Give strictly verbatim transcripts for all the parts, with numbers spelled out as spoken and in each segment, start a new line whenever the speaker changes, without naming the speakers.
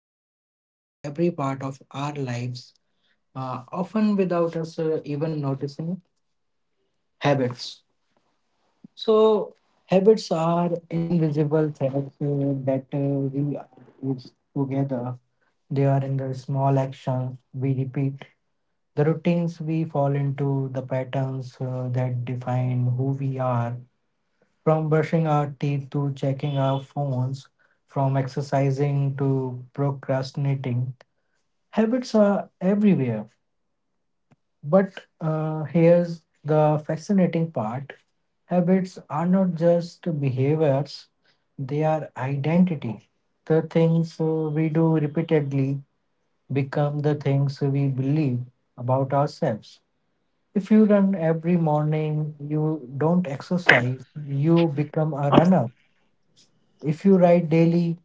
that shapes every part of our lives, uh, often without us uh, even noticing habits. So, habits are invisible threads uh, that uh, we are used together. They are in the small actions we repeat, the routines we fall into, the patterns uh, that define who we are. From brushing our teeth to checking our phones, from exercising to procrastinating, habits are everywhere. But uh, here's the fascinating part. Habits are not just behaviors, they are identity. The things uh, we do repeatedly become the things we believe about ourselves. If you run every morning, you don't exercise, you become a runner. If you write daily,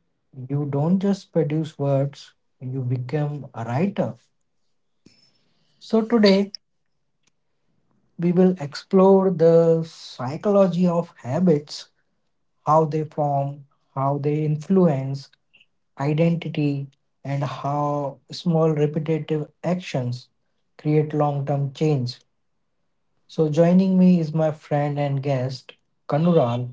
you don't just produce words, you become a writer. So, today we will explore the psychology of habits, how they form, how they influence identity, and how small repetitive actions create long term change. So, joining me is my friend and guest, Kanural.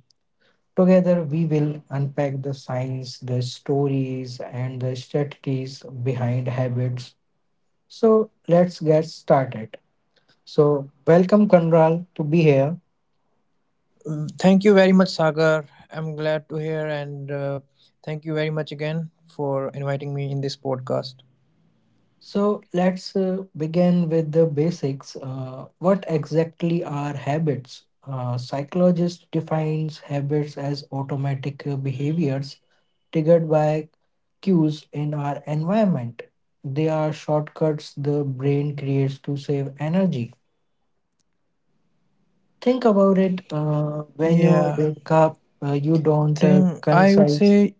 Together, we will unpack the science, the stories, and the strategies behind habits. So, let's get started. So, welcome, Kanral, to be here.
Mm, Thank you very much, Sagar. I'm glad to hear, and uh, thank you very much again for inviting me in this podcast.
So, let's uh, begin with the basics. Uh, what exactly are habits? Uh, psychologist defines habits as automatic uh, behaviors triggered by cues in our environment. They are shortcuts the brain creates to save energy. Think about it. Uh, when you
Yeah,
wake up, uh, you don't uh,
thing I would
concise,
say,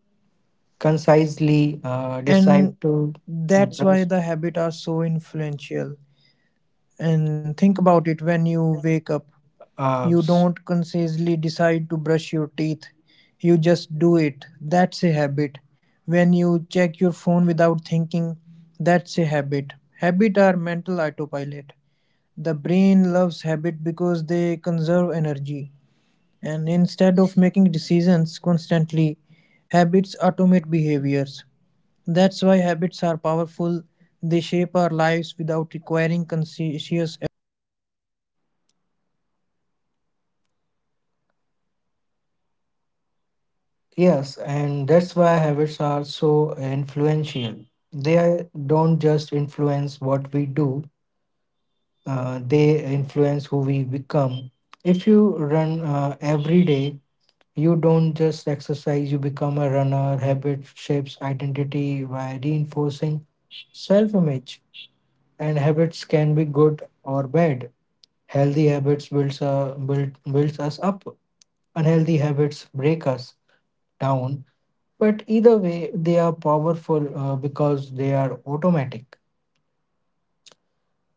concisely uh,
and
decide to
that's why
brush.
the habit are so influential. And think about it when you wake up,
Uh,
you
s-
don't consciously decide to brush your teeth, you just do it. That's a habit. When you check your phone without thinking, that's a habit. Habit are mental autopilot. The brain loves habit because they conserve energy, and instead of making decisions constantly, habits automate behaviors. That's why habits are powerful. They shape our lives without requiring conscious effort. And they don't just influence what we do, they influence who we become. If you run
yes,
every
and
day,
that's why habits
you
are
don't just
so
exercise, you become
influential.
a runner.
They are- don't
Habits
just
shape
influence
identity
what
by
we do,
reinforcing self image,
uh, they
and habits
influence who
can be
we
good or bad.
become. If you
Healthy
run
habits
uh,
build us
every
up,
day,
unhealthy
you
habits
don't
break us
just
down.
exercise, you
But
become
either
a
way, they are
runner.
powerful
Habit
because
shapes
they are
identity
automatic.
by reinforcing self image, and habits can be good or bad. Healthy habits builds uh, build,
So, what
builds
do you
us
think,
up.
Sagar?
Unhealthy habits break us down. But either way, they are powerful uh, because they are automatic.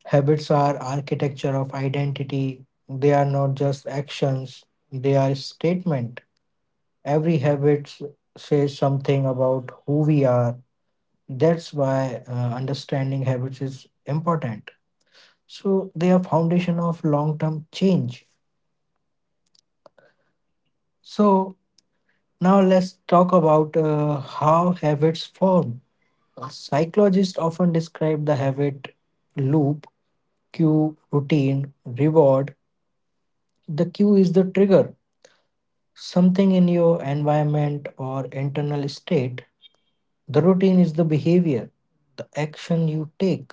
Habits are architecture of identity. They are not just actions. They are statement. Every habit s- says something about who we are. That's why uh, understanding habits is important. So they are foundation of long-term change. So now let's talk about uh, how habits form. Uh, Psychologists often describe the habit loop, cue, routine, reward. The cue is the trigger, something in your environment or internal state. The routine is the behavior, the action you take.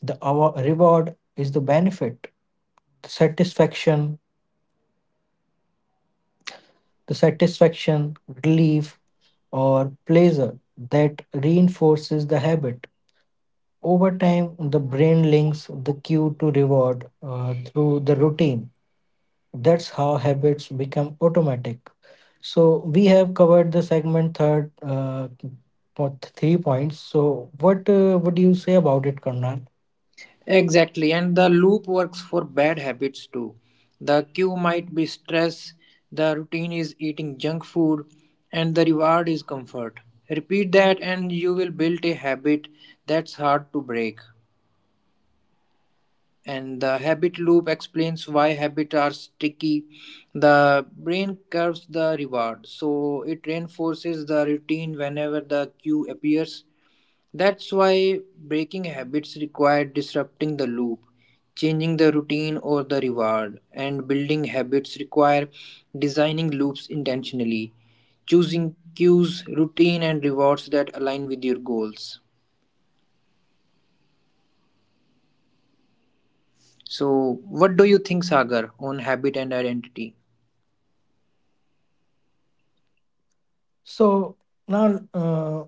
The awa- reward is the benefit, the satisfaction, the satisfaction, relief, or pleasure that reinforces the habit. Over time, the brain links the cue to reward uh, through the routine. That's how habits become automatic. So, we have covered the segment third, uh, po- three points. So, what uh, would you say about it, Karnal?
Exactly, and the loop works for bad habits too. The cue might be stress, the routine is eating junk food, and the reward is comfort. Repeat that, and you will build a habit that's hard to break. And the habit loop explains why habits are sticky. The brain curves the reward, so it reinforces the routine whenever the cue appears. That's why breaking habits require disrupting the loop, changing the routine or the reward, and building habits require designing loops intentionally, choosing cues, routine, and rewards that align with your goals. So, what do you think, Sagar, on habit and identity?
So now, uh,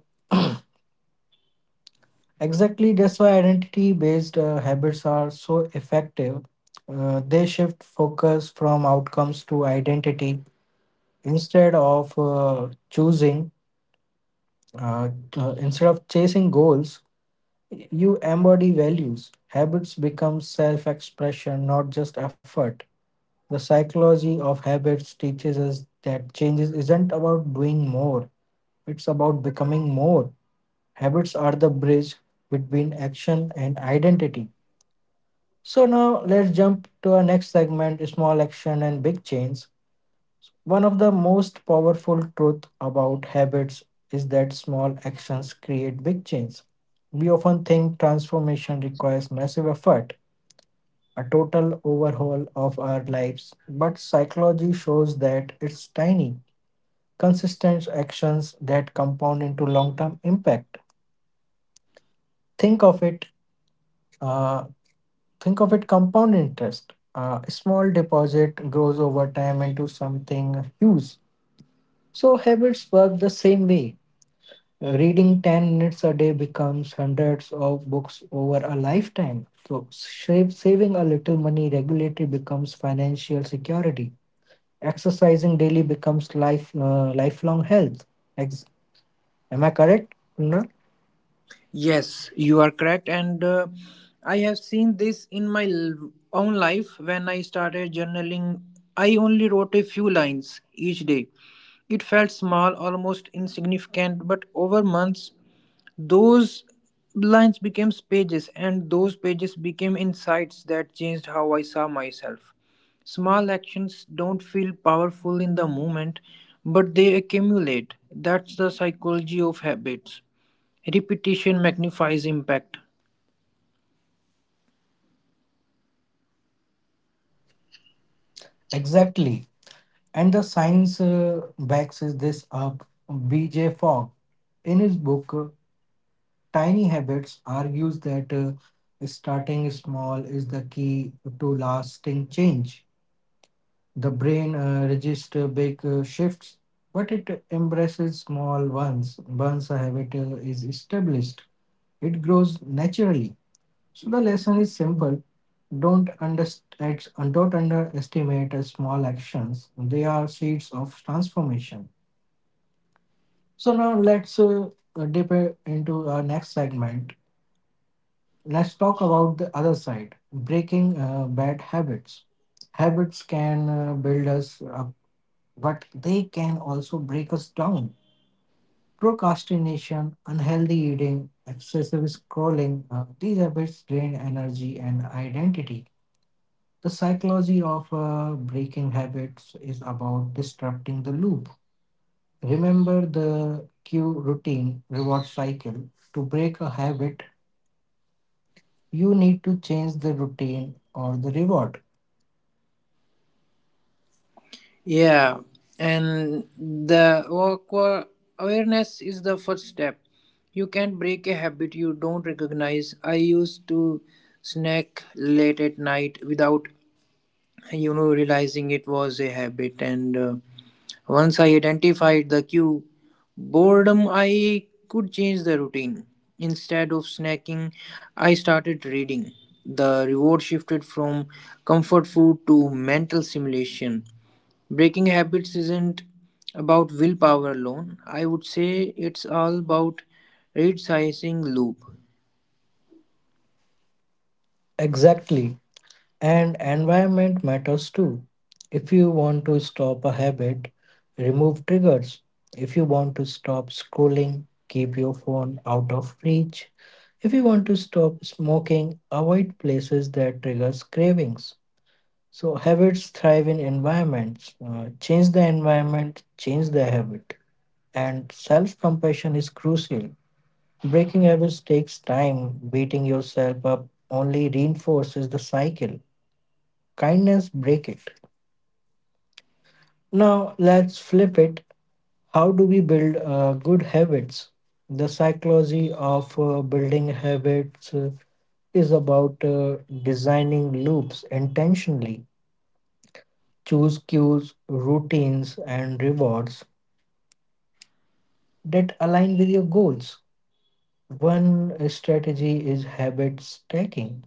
exactly that's why identity-based uh, habits are so effective. Uh, they shift focus from outcomes to identity instead of uh, choosing Uh, uh, instead of chasing goals, y- you embody values. Habits become self expression, not just effort. The psychology of habits teaches us that changes isn't about doing more, it's about becoming more. Habits are the bridge between action and identity. So, now let's jump to our next segment, small action and big change. One of the most powerful truths about habits is that small actions create big change. We often think transformation requires massive effort, a total overhaul of our lives, but psychology shows that it's tiny, consistent actions that compound into long-term impact. Think of it, uh, think of it, compound interest. Uh, a small deposit grows over time into something huge. So habits work the same way. Reading ten minutes a day becomes hundreds of books over a lifetime. So, save, saving a little money regularly becomes financial security. Exercising daily becomes life uh, lifelong health. Ex- Am I correct, Kunal?
Yes, you are correct. And uh, I have seen this in my l- own life when I started journaling. I only wrote a few lines each day. It felt small, almost insignificant, but over months, those lines became pages, and those pages became insights that changed how I saw myself. Small actions don't feel powerful in the moment, but they accumulate. That's the psychology of habits. Repetition magnifies impact.
Exactly. And the science uh, backs is this up. B J. Fogg, in his book uh, Tiny Habits, argues that uh, starting small is the key to lasting change. The brain uh, registers big uh, shifts, but it embraces small ones. Once a habit uh, is established, it grows naturally. So the lesson is simple. Don't underst- ex- Don't underestimate uh, small actions. They are seeds of transformation. So now let's uh, uh, dip uh, into our next segment. Let's talk about the other side, breaking uh, bad habits. Habits can uh, build us up, but they can also break us down. Procrastination, unhealthy eating, excessive scrolling, uh, these habits drain energy and identity. The psychology of uh, breaking habits is about disrupting the loop. Remember the cue routine reward cycle. To break a habit, you need to change the routine or the reward.
Yeah, and the aqua- awareness is the first step. You can't break a habit you don't recognize. I used to snack late at night without, you know, realizing it was a habit, and uh, once I identified the cue, boredom, I could change the routine. Instead of snacking, I started reading. The reward shifted from comfort food to mental stimulation. Breaking habits isn't about willpower alone. I would say it's all about resizing loop.
Exactly. And environment matters too. If you want to stop a habit, remove triggers. If you want to stop scrolling, keep your phone out of reach. If you want to stop smoking, avoid places that triggers cravings. So habits thrive in environments. Uh, change the environment, change the habit. And self-compassion is crucial. Breaking habits takes time. Beating yourself up only reinforces the cycle. Kindness break it. Now let's flip it. How do we build uh, good habits? The psychology of uh, building habits uh, is about uh, designing loops intentionally. Choose cues, routines, and rewards that align with your goals. One strategy is habit stacking.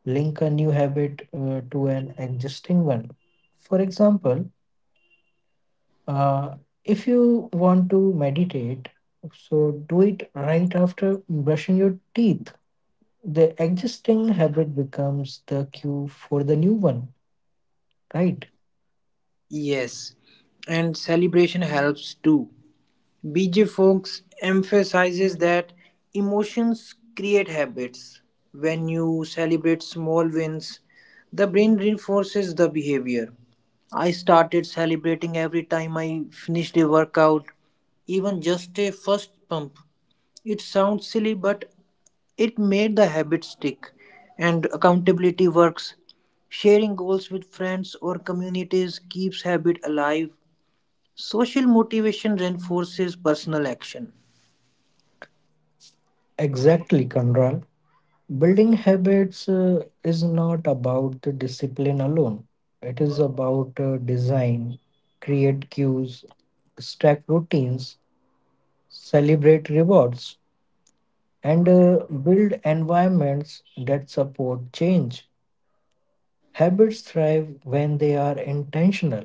Link a new habit uh, to an existing one. For example, Uh, if you want to meditate, so do it right after brushing your teeth. The existing habit becomes the cue for the new one, right?
Yes, and celebration helps too. B J Fox emphasizes that emotions create habits. When you celebrate small wins, the brain reinforces the behavior. I started celebrating every time I finished a workout, even just a first pump. It sounds silly, but it made the habit stick, and accountability works. Sharing goals with friends or communities keeps habit alive. Social motivation reinforces personal action.
Exactly, Kandral. Building habits uh, is not about the discipline alone, it is about uh, design, create cues, stack routines, celebrate rewards, and uh, build environments that support change. Habits thrive when they are intentional.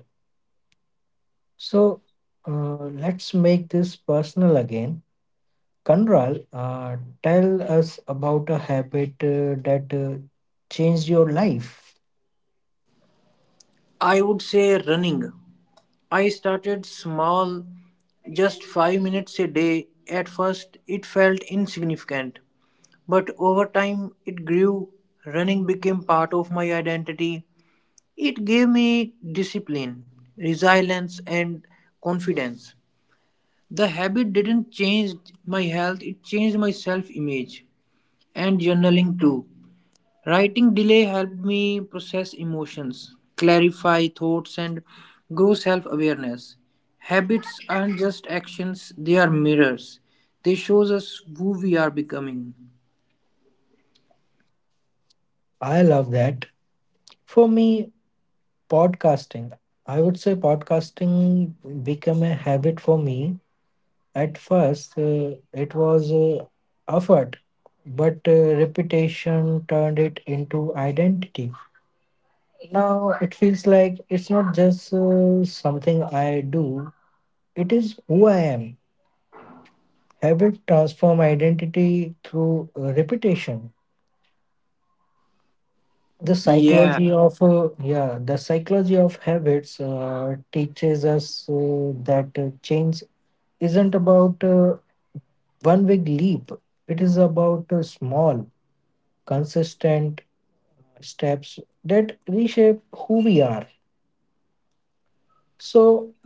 So uh, let's make this personal again. Kanral, uh, tell us about a habit uh, that uh, changed your life.
I would say running. I started small, just five minutes a day. At first, it felt insignificant, but over time, it grew. Running became part of my identity. It gave me discipline, resilience, and confidence. The habit didn't change my health, it changed my self image and journaling too. Writing delay helped me process emotions, clarify thoughts, and grow self awareness. Habits aren't just actions, they are mirrors. They show us who we are becoming.
I love that. For me, podcasting. I would say podcasting became a habit for me. At first, uh, it was uh, effort, but uh, repetition turned it into identity. Now it feels like it's not just uh, something I do, it is who I am. Habit transform identity through uh, repetition. The
Yeah.
psychology of uh, yeah, the psychology of habits uh, teaches us uh, that uh, change isn't about uh, one big leap. It is about uh, small, consistent steps that reshape who we are. So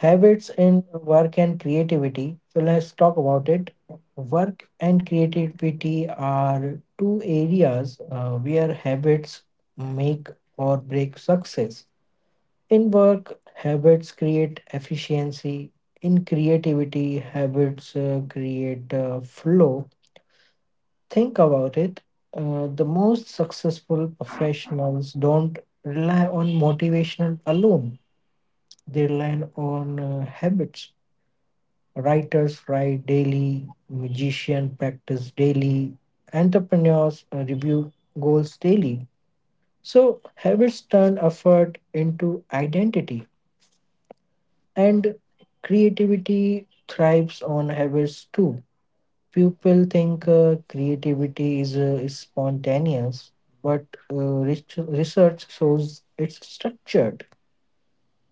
habits in work and creativity. So let's talk about it. Work and creativity are two areas uh, where habits make or break success. In work, habits create efficiency. In creativity, habits uh, create uh, flow. Think about it. Uh, the most successful professionals don't rely on motivational alone. They rely on uh, habits. Writers write daily, magicians practice daily, entrepreneurs uh, review goals daily. So, habits turn effort into identity, and creativity thrives on habits too. People think uh, creativity is, uh, is spontaneous, but uh, res- research shows it's structured.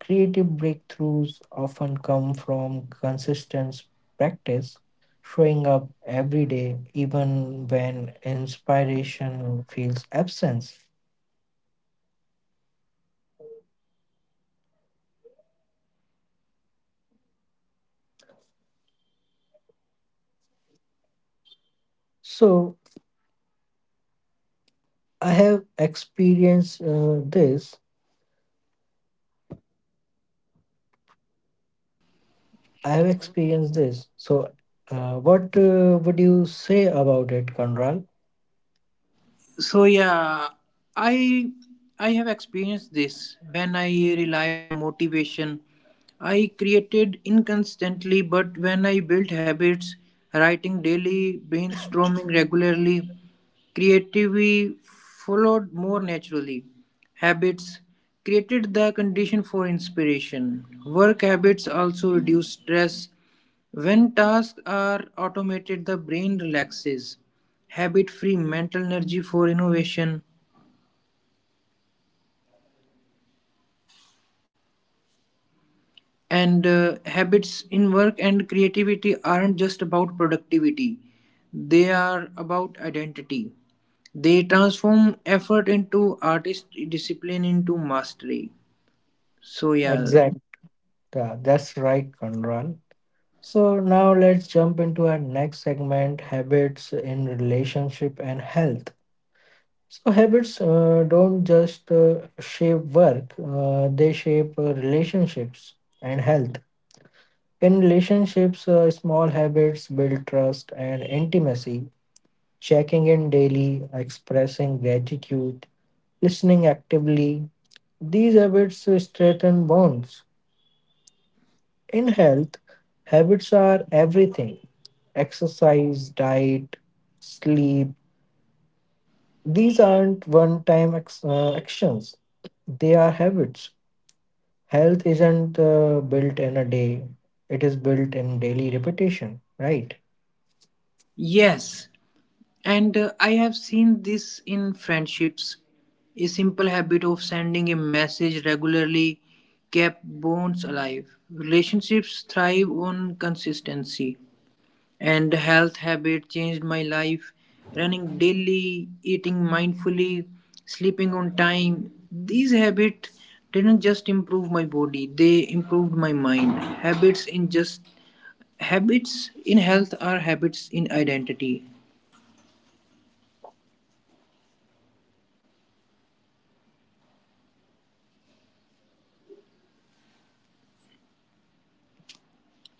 Creative breakthroughs often come from consistent practice, showing up every day, even when inspiration feels absent. So I have experienced uh, this. I have experienced this. So, uh, what uh, would you say about it, Conral?
So yeah, I I have experienced this when I relied on motivation. I created inconsistently, but when I built habits, writing daily, brainstorming regularly, creativity followed more naturally. Habits created the condition for inspiration. Work habits also reduce stress when tasks are automated, the brain relaxes. Habit free mental energy for innovation. And uh, habits in work and creativity aren't just about productivity, they are about identity. They transform effort into artist discipline into mastery. So, yeah,
Exact. Yeah, that's right, Conral. So now let's jump into our next segment, habits in relationship and health. So habits uh, don't just uh, shape work, uh, they shape uh, relationships and health. In relationships, uh, small habits build trust and intimacy. Checking in daily, expressing gratitude, listening actively, these habits uh, strengthen bonds. In health, habits are everything: exercise, diet, sleep. These aren't one time ex- uh, actions, they are habits. Health isn't uh, built in a day, it is built in daily repetition, right?
yes, and uh, I have seen this in friendships. A simple habit of sending a message regularly kept bonds alive. Relationships thrive on consistency. And health habit changed my life. Running daily, eating mindfully, sleeping on time. These habits didn't just improve my body, they improved my mind. Habits in just habits in health are habits in identity.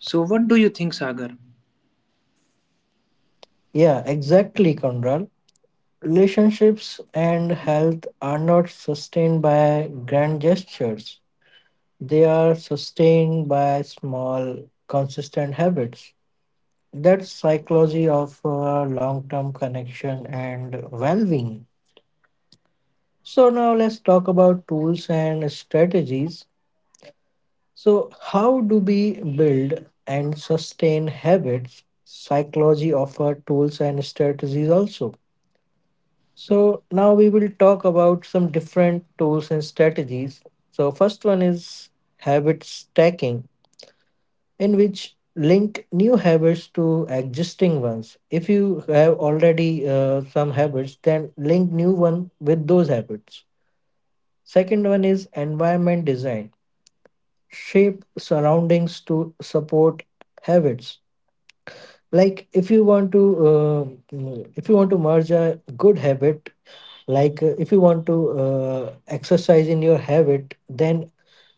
So, what do you think, Sagar?
Yeah, exactly, Conrad. Relationships and health are not sustained by grand gestures, they are sustained by small, consistent habits. That's psychology of uh, long-term connection and well-being. So now let's talk about tools and strategies. So how do we build and sustain habits? Psychology offer tools and strategies also. So now we will talk about some different tools and strategies. So first one is habit stacking, in which link new habits to existing ones. If you have already uh, some habits then link new one with those habits. Second one is environment design, shape surroundings to support habits. Like if you want to uh, mm, if you want to merge a good habit, like uh, if you want to uh, exercise in your habit, then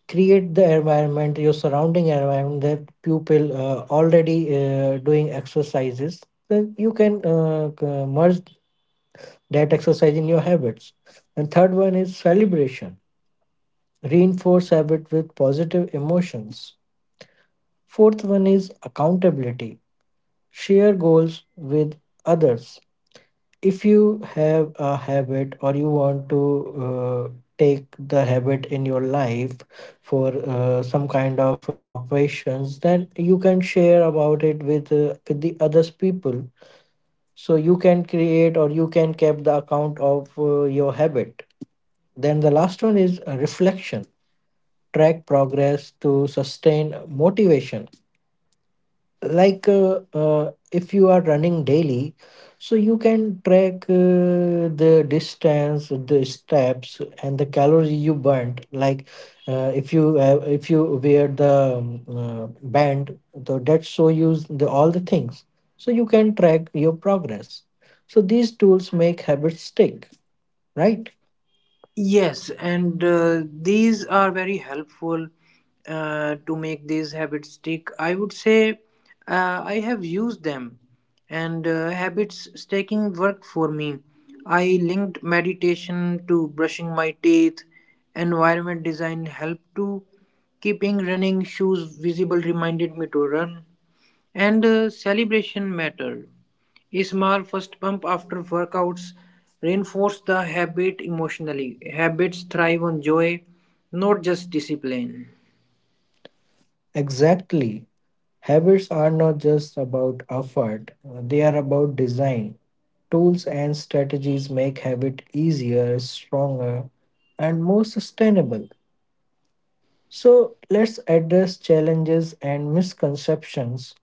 create the environment, your surrounding environment, that people uh, already uh, doing exercises, then you can uh, c- merge that exercise in your habits. And third one is celebration, reinforce habit with positive emotions. Fourth one is accountability. Share goals with others. If you have a habit or you want to uh, take the habit in your life for uh, some kind of uh, operations, then you can share about it with uh, with the others people. So you can create or you can keep the account of uh, your habit. Then the last one is uh, reflection. Track progress to sustain motivation, like uh, uh, if you are running daily, so you can track uh, the distance, the steps, and the calorie you burnt. Like uh, if you uh, if you wear the um, uh, band, the that show you the all the things, so you can track your progress. So these tools make habits stick, right?
Yes, and uh, these are very helpful uh, to make these habits stick. I would say uh, I have used them, and uh, habits sticking worked for me. I linked meditation to brushing my teeth. Environment design helped to keeping running shoes visible reminded me to run, and uh, celebration mattered. A small fist bump after workouts reinforce the habit emotionally. Habits thrive on joy, not just discipline.
Exactly. Habits are not just about effort, uh, they are about design. Tools and strategies make habit easier, stronger, and more sustainable. So let's address challenges and misconceptions.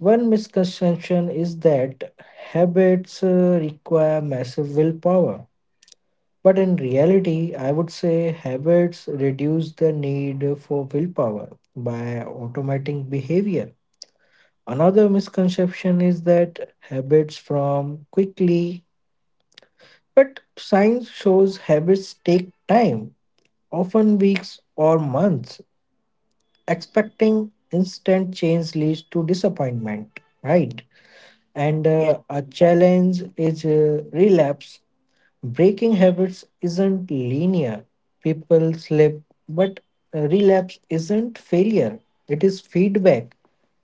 One misconception is that habits uh, require massive willpower. But in reality, I would say habits reduce the need for willpower by automating behavior. Another misconception is that habits form quickly. But science shows habits take time, often weeks or months. Expecting instant change leads to disappointment, right? And
Yeah.
uh, a challenge is uh, relapse. Breaking habits isn't linear. People slip, but uh, relapse isn't failure, it is feedback.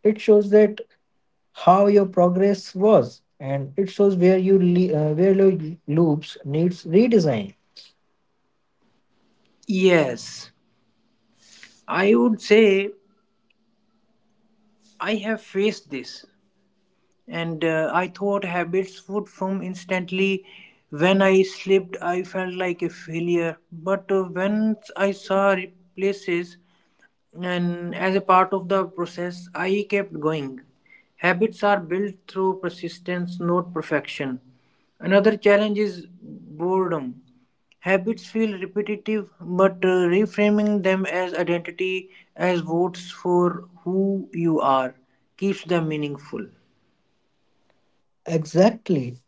It shows that how your progress was, and it shows where you le- uh, where your loops needs redesign.
Yes, I would say I have faced this, and uh, I thought habits would form instantly. When I slipped, I felt like a failure. But uh, once I saw replaces and as a part of the process, I kept going. Habits are built through persistence, not perfection. Another challenge is boredom. Habits feel repetitive, but uh, reframing them as identity, as votes for who you are, keeps them meaningful.
Exactly.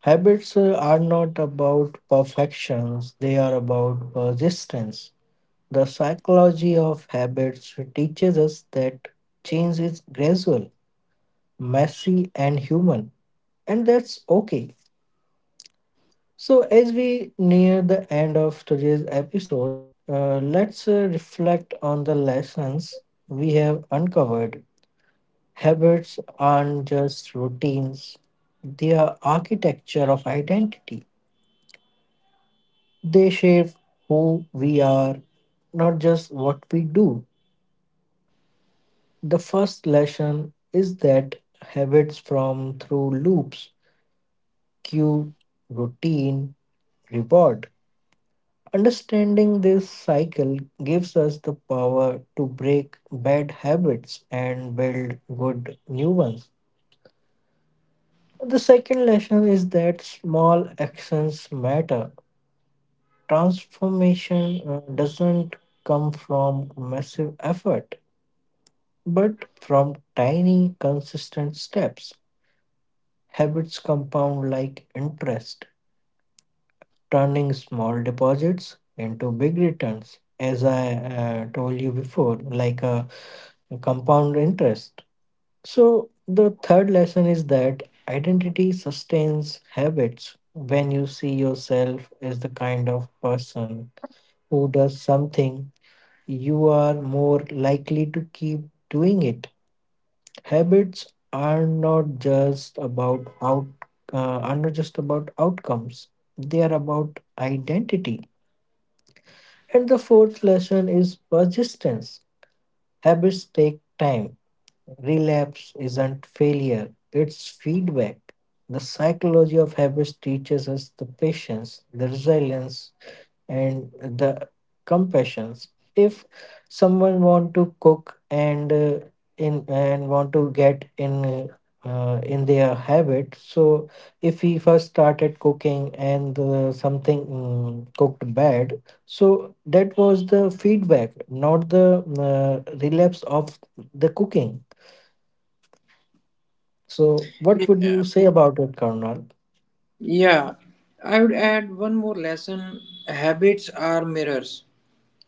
Habits uh, are not about perfections, they are about persistence. The psychology of habits teaches us that change is gradual, messy, and human, and that's okay. So, as we near the end of today's episode, uh, let's uh, reflect on the lessons we have uncovered. Habits aren't just routines, they are architecture of identity. They shape who we are, not just what we do. The first lesson is that habits form through loops: cue, routine, reward. Understanding this cycle gives us the power to break bad habits and build good new ones. The second lesson is that small actions matter. Transformation uh, doesn't come from massive effort, but from tiny, consistent steps. Habits compound like interest, turning small deposits into big returns. As I uh, told you before, like a compound interest. So, the third lesson is that identity sustains habits. When you see yourself as the kind of person who does something, you are more likely to keep doing it. Habits are not just about out uh, are not just about outcomes. They are about identity. And the fourth lesson is persistence. Habits take time. Relapse isn't failure, it's feedback. The psychology of habits teaches us the patience, the resilience, and the compassions. If someone want to cook and uh, in and want to get in uh, in their habit, so if he first started cooking and uh, something mm, cooked bad, so that was the feedback, not the uh, relapse of the cooking. So what would you say about it, karnal?
Yeah, I would add one more lesson habits are mirrors.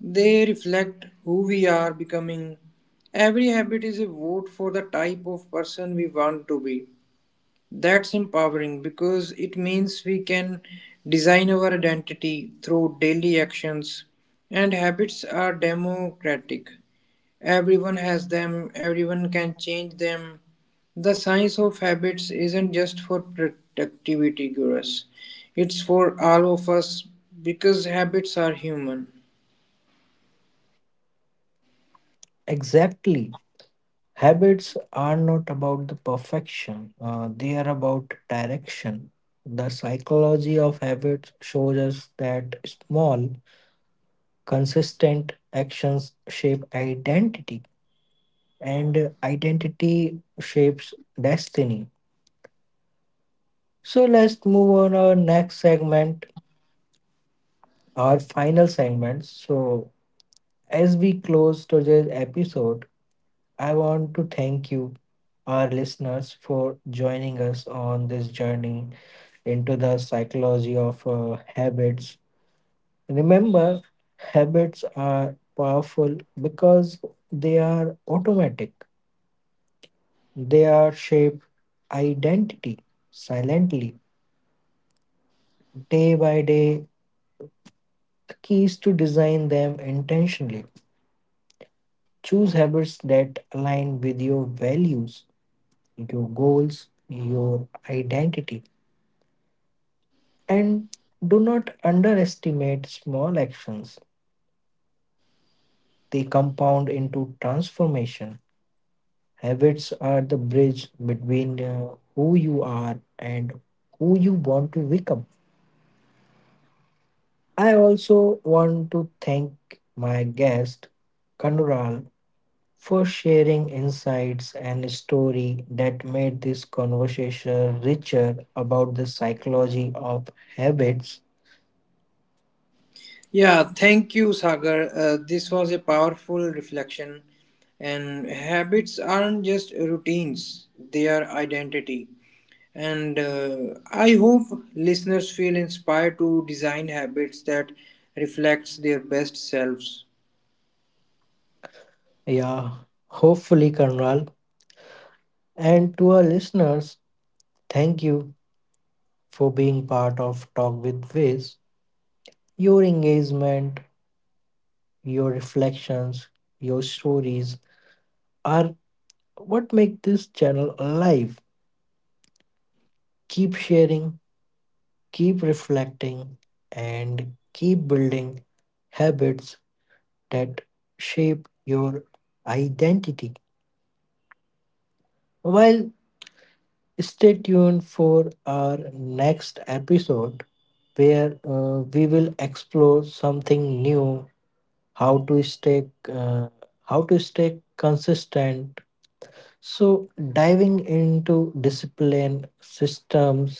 They reflect who we are becoming. Every habit is a vote for the type of person we want to be. That's empowering because it means we can design our identity through daily actions. And habits are democratic. Everyone has them, everyone can change them. The science of habits isn't just for productivity gurus, it's for all of us because habits are human.
Exactly. Habits are not about the perfection, uh, they are about direction. The psychology of habits shows us that small, consistent actions shape identity, and identity shapes destiny. So let's move on our next segment, our final segment. So as we close today's episode, I want to thank you, our listeners, for joining us on this journey into the psychology of uh, habits. Remember, habits are powerful because they are automatic, they are shape identity silently, day by day. The key is to design them intentionally. Choose habits that align with your values, your goals, your identity, and do not underestimate small actions. They compound into transformation. Habits are the bridge between uh, who you are and who you want to become. I also want to thank my guest, Kanural, for sharing insights and story that made this conversation richer about the psychology of habits.
Yeah, thank you, Sagar. Uh, this was a powerful reflection. And habits aren't just routines, they are identity. And uh, I hope listeners feel inspired to design habits that reflects their best selves.
Yeah, hopefully, Kanural. And to our listeners, thank you for being part of Talk with Viz. Your engagement, your reflections, your stories are what make this channel alive. Keep sharing, keep reflecting, and keep building habits that shape your identity. Well, stay tuned for our next episode where uh, we will explore something new: how to stay uh, how to stay consistent. So, diving into discipline, systems,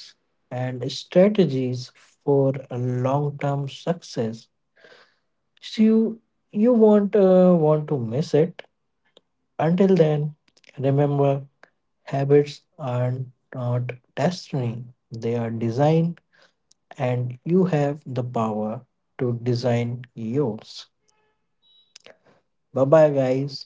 and strategies for a long-term success. So you you won't uh, want to miss it. Until then, remember, habits are not destiny; they are design, and you have the power to design yours. Bye bye, guys.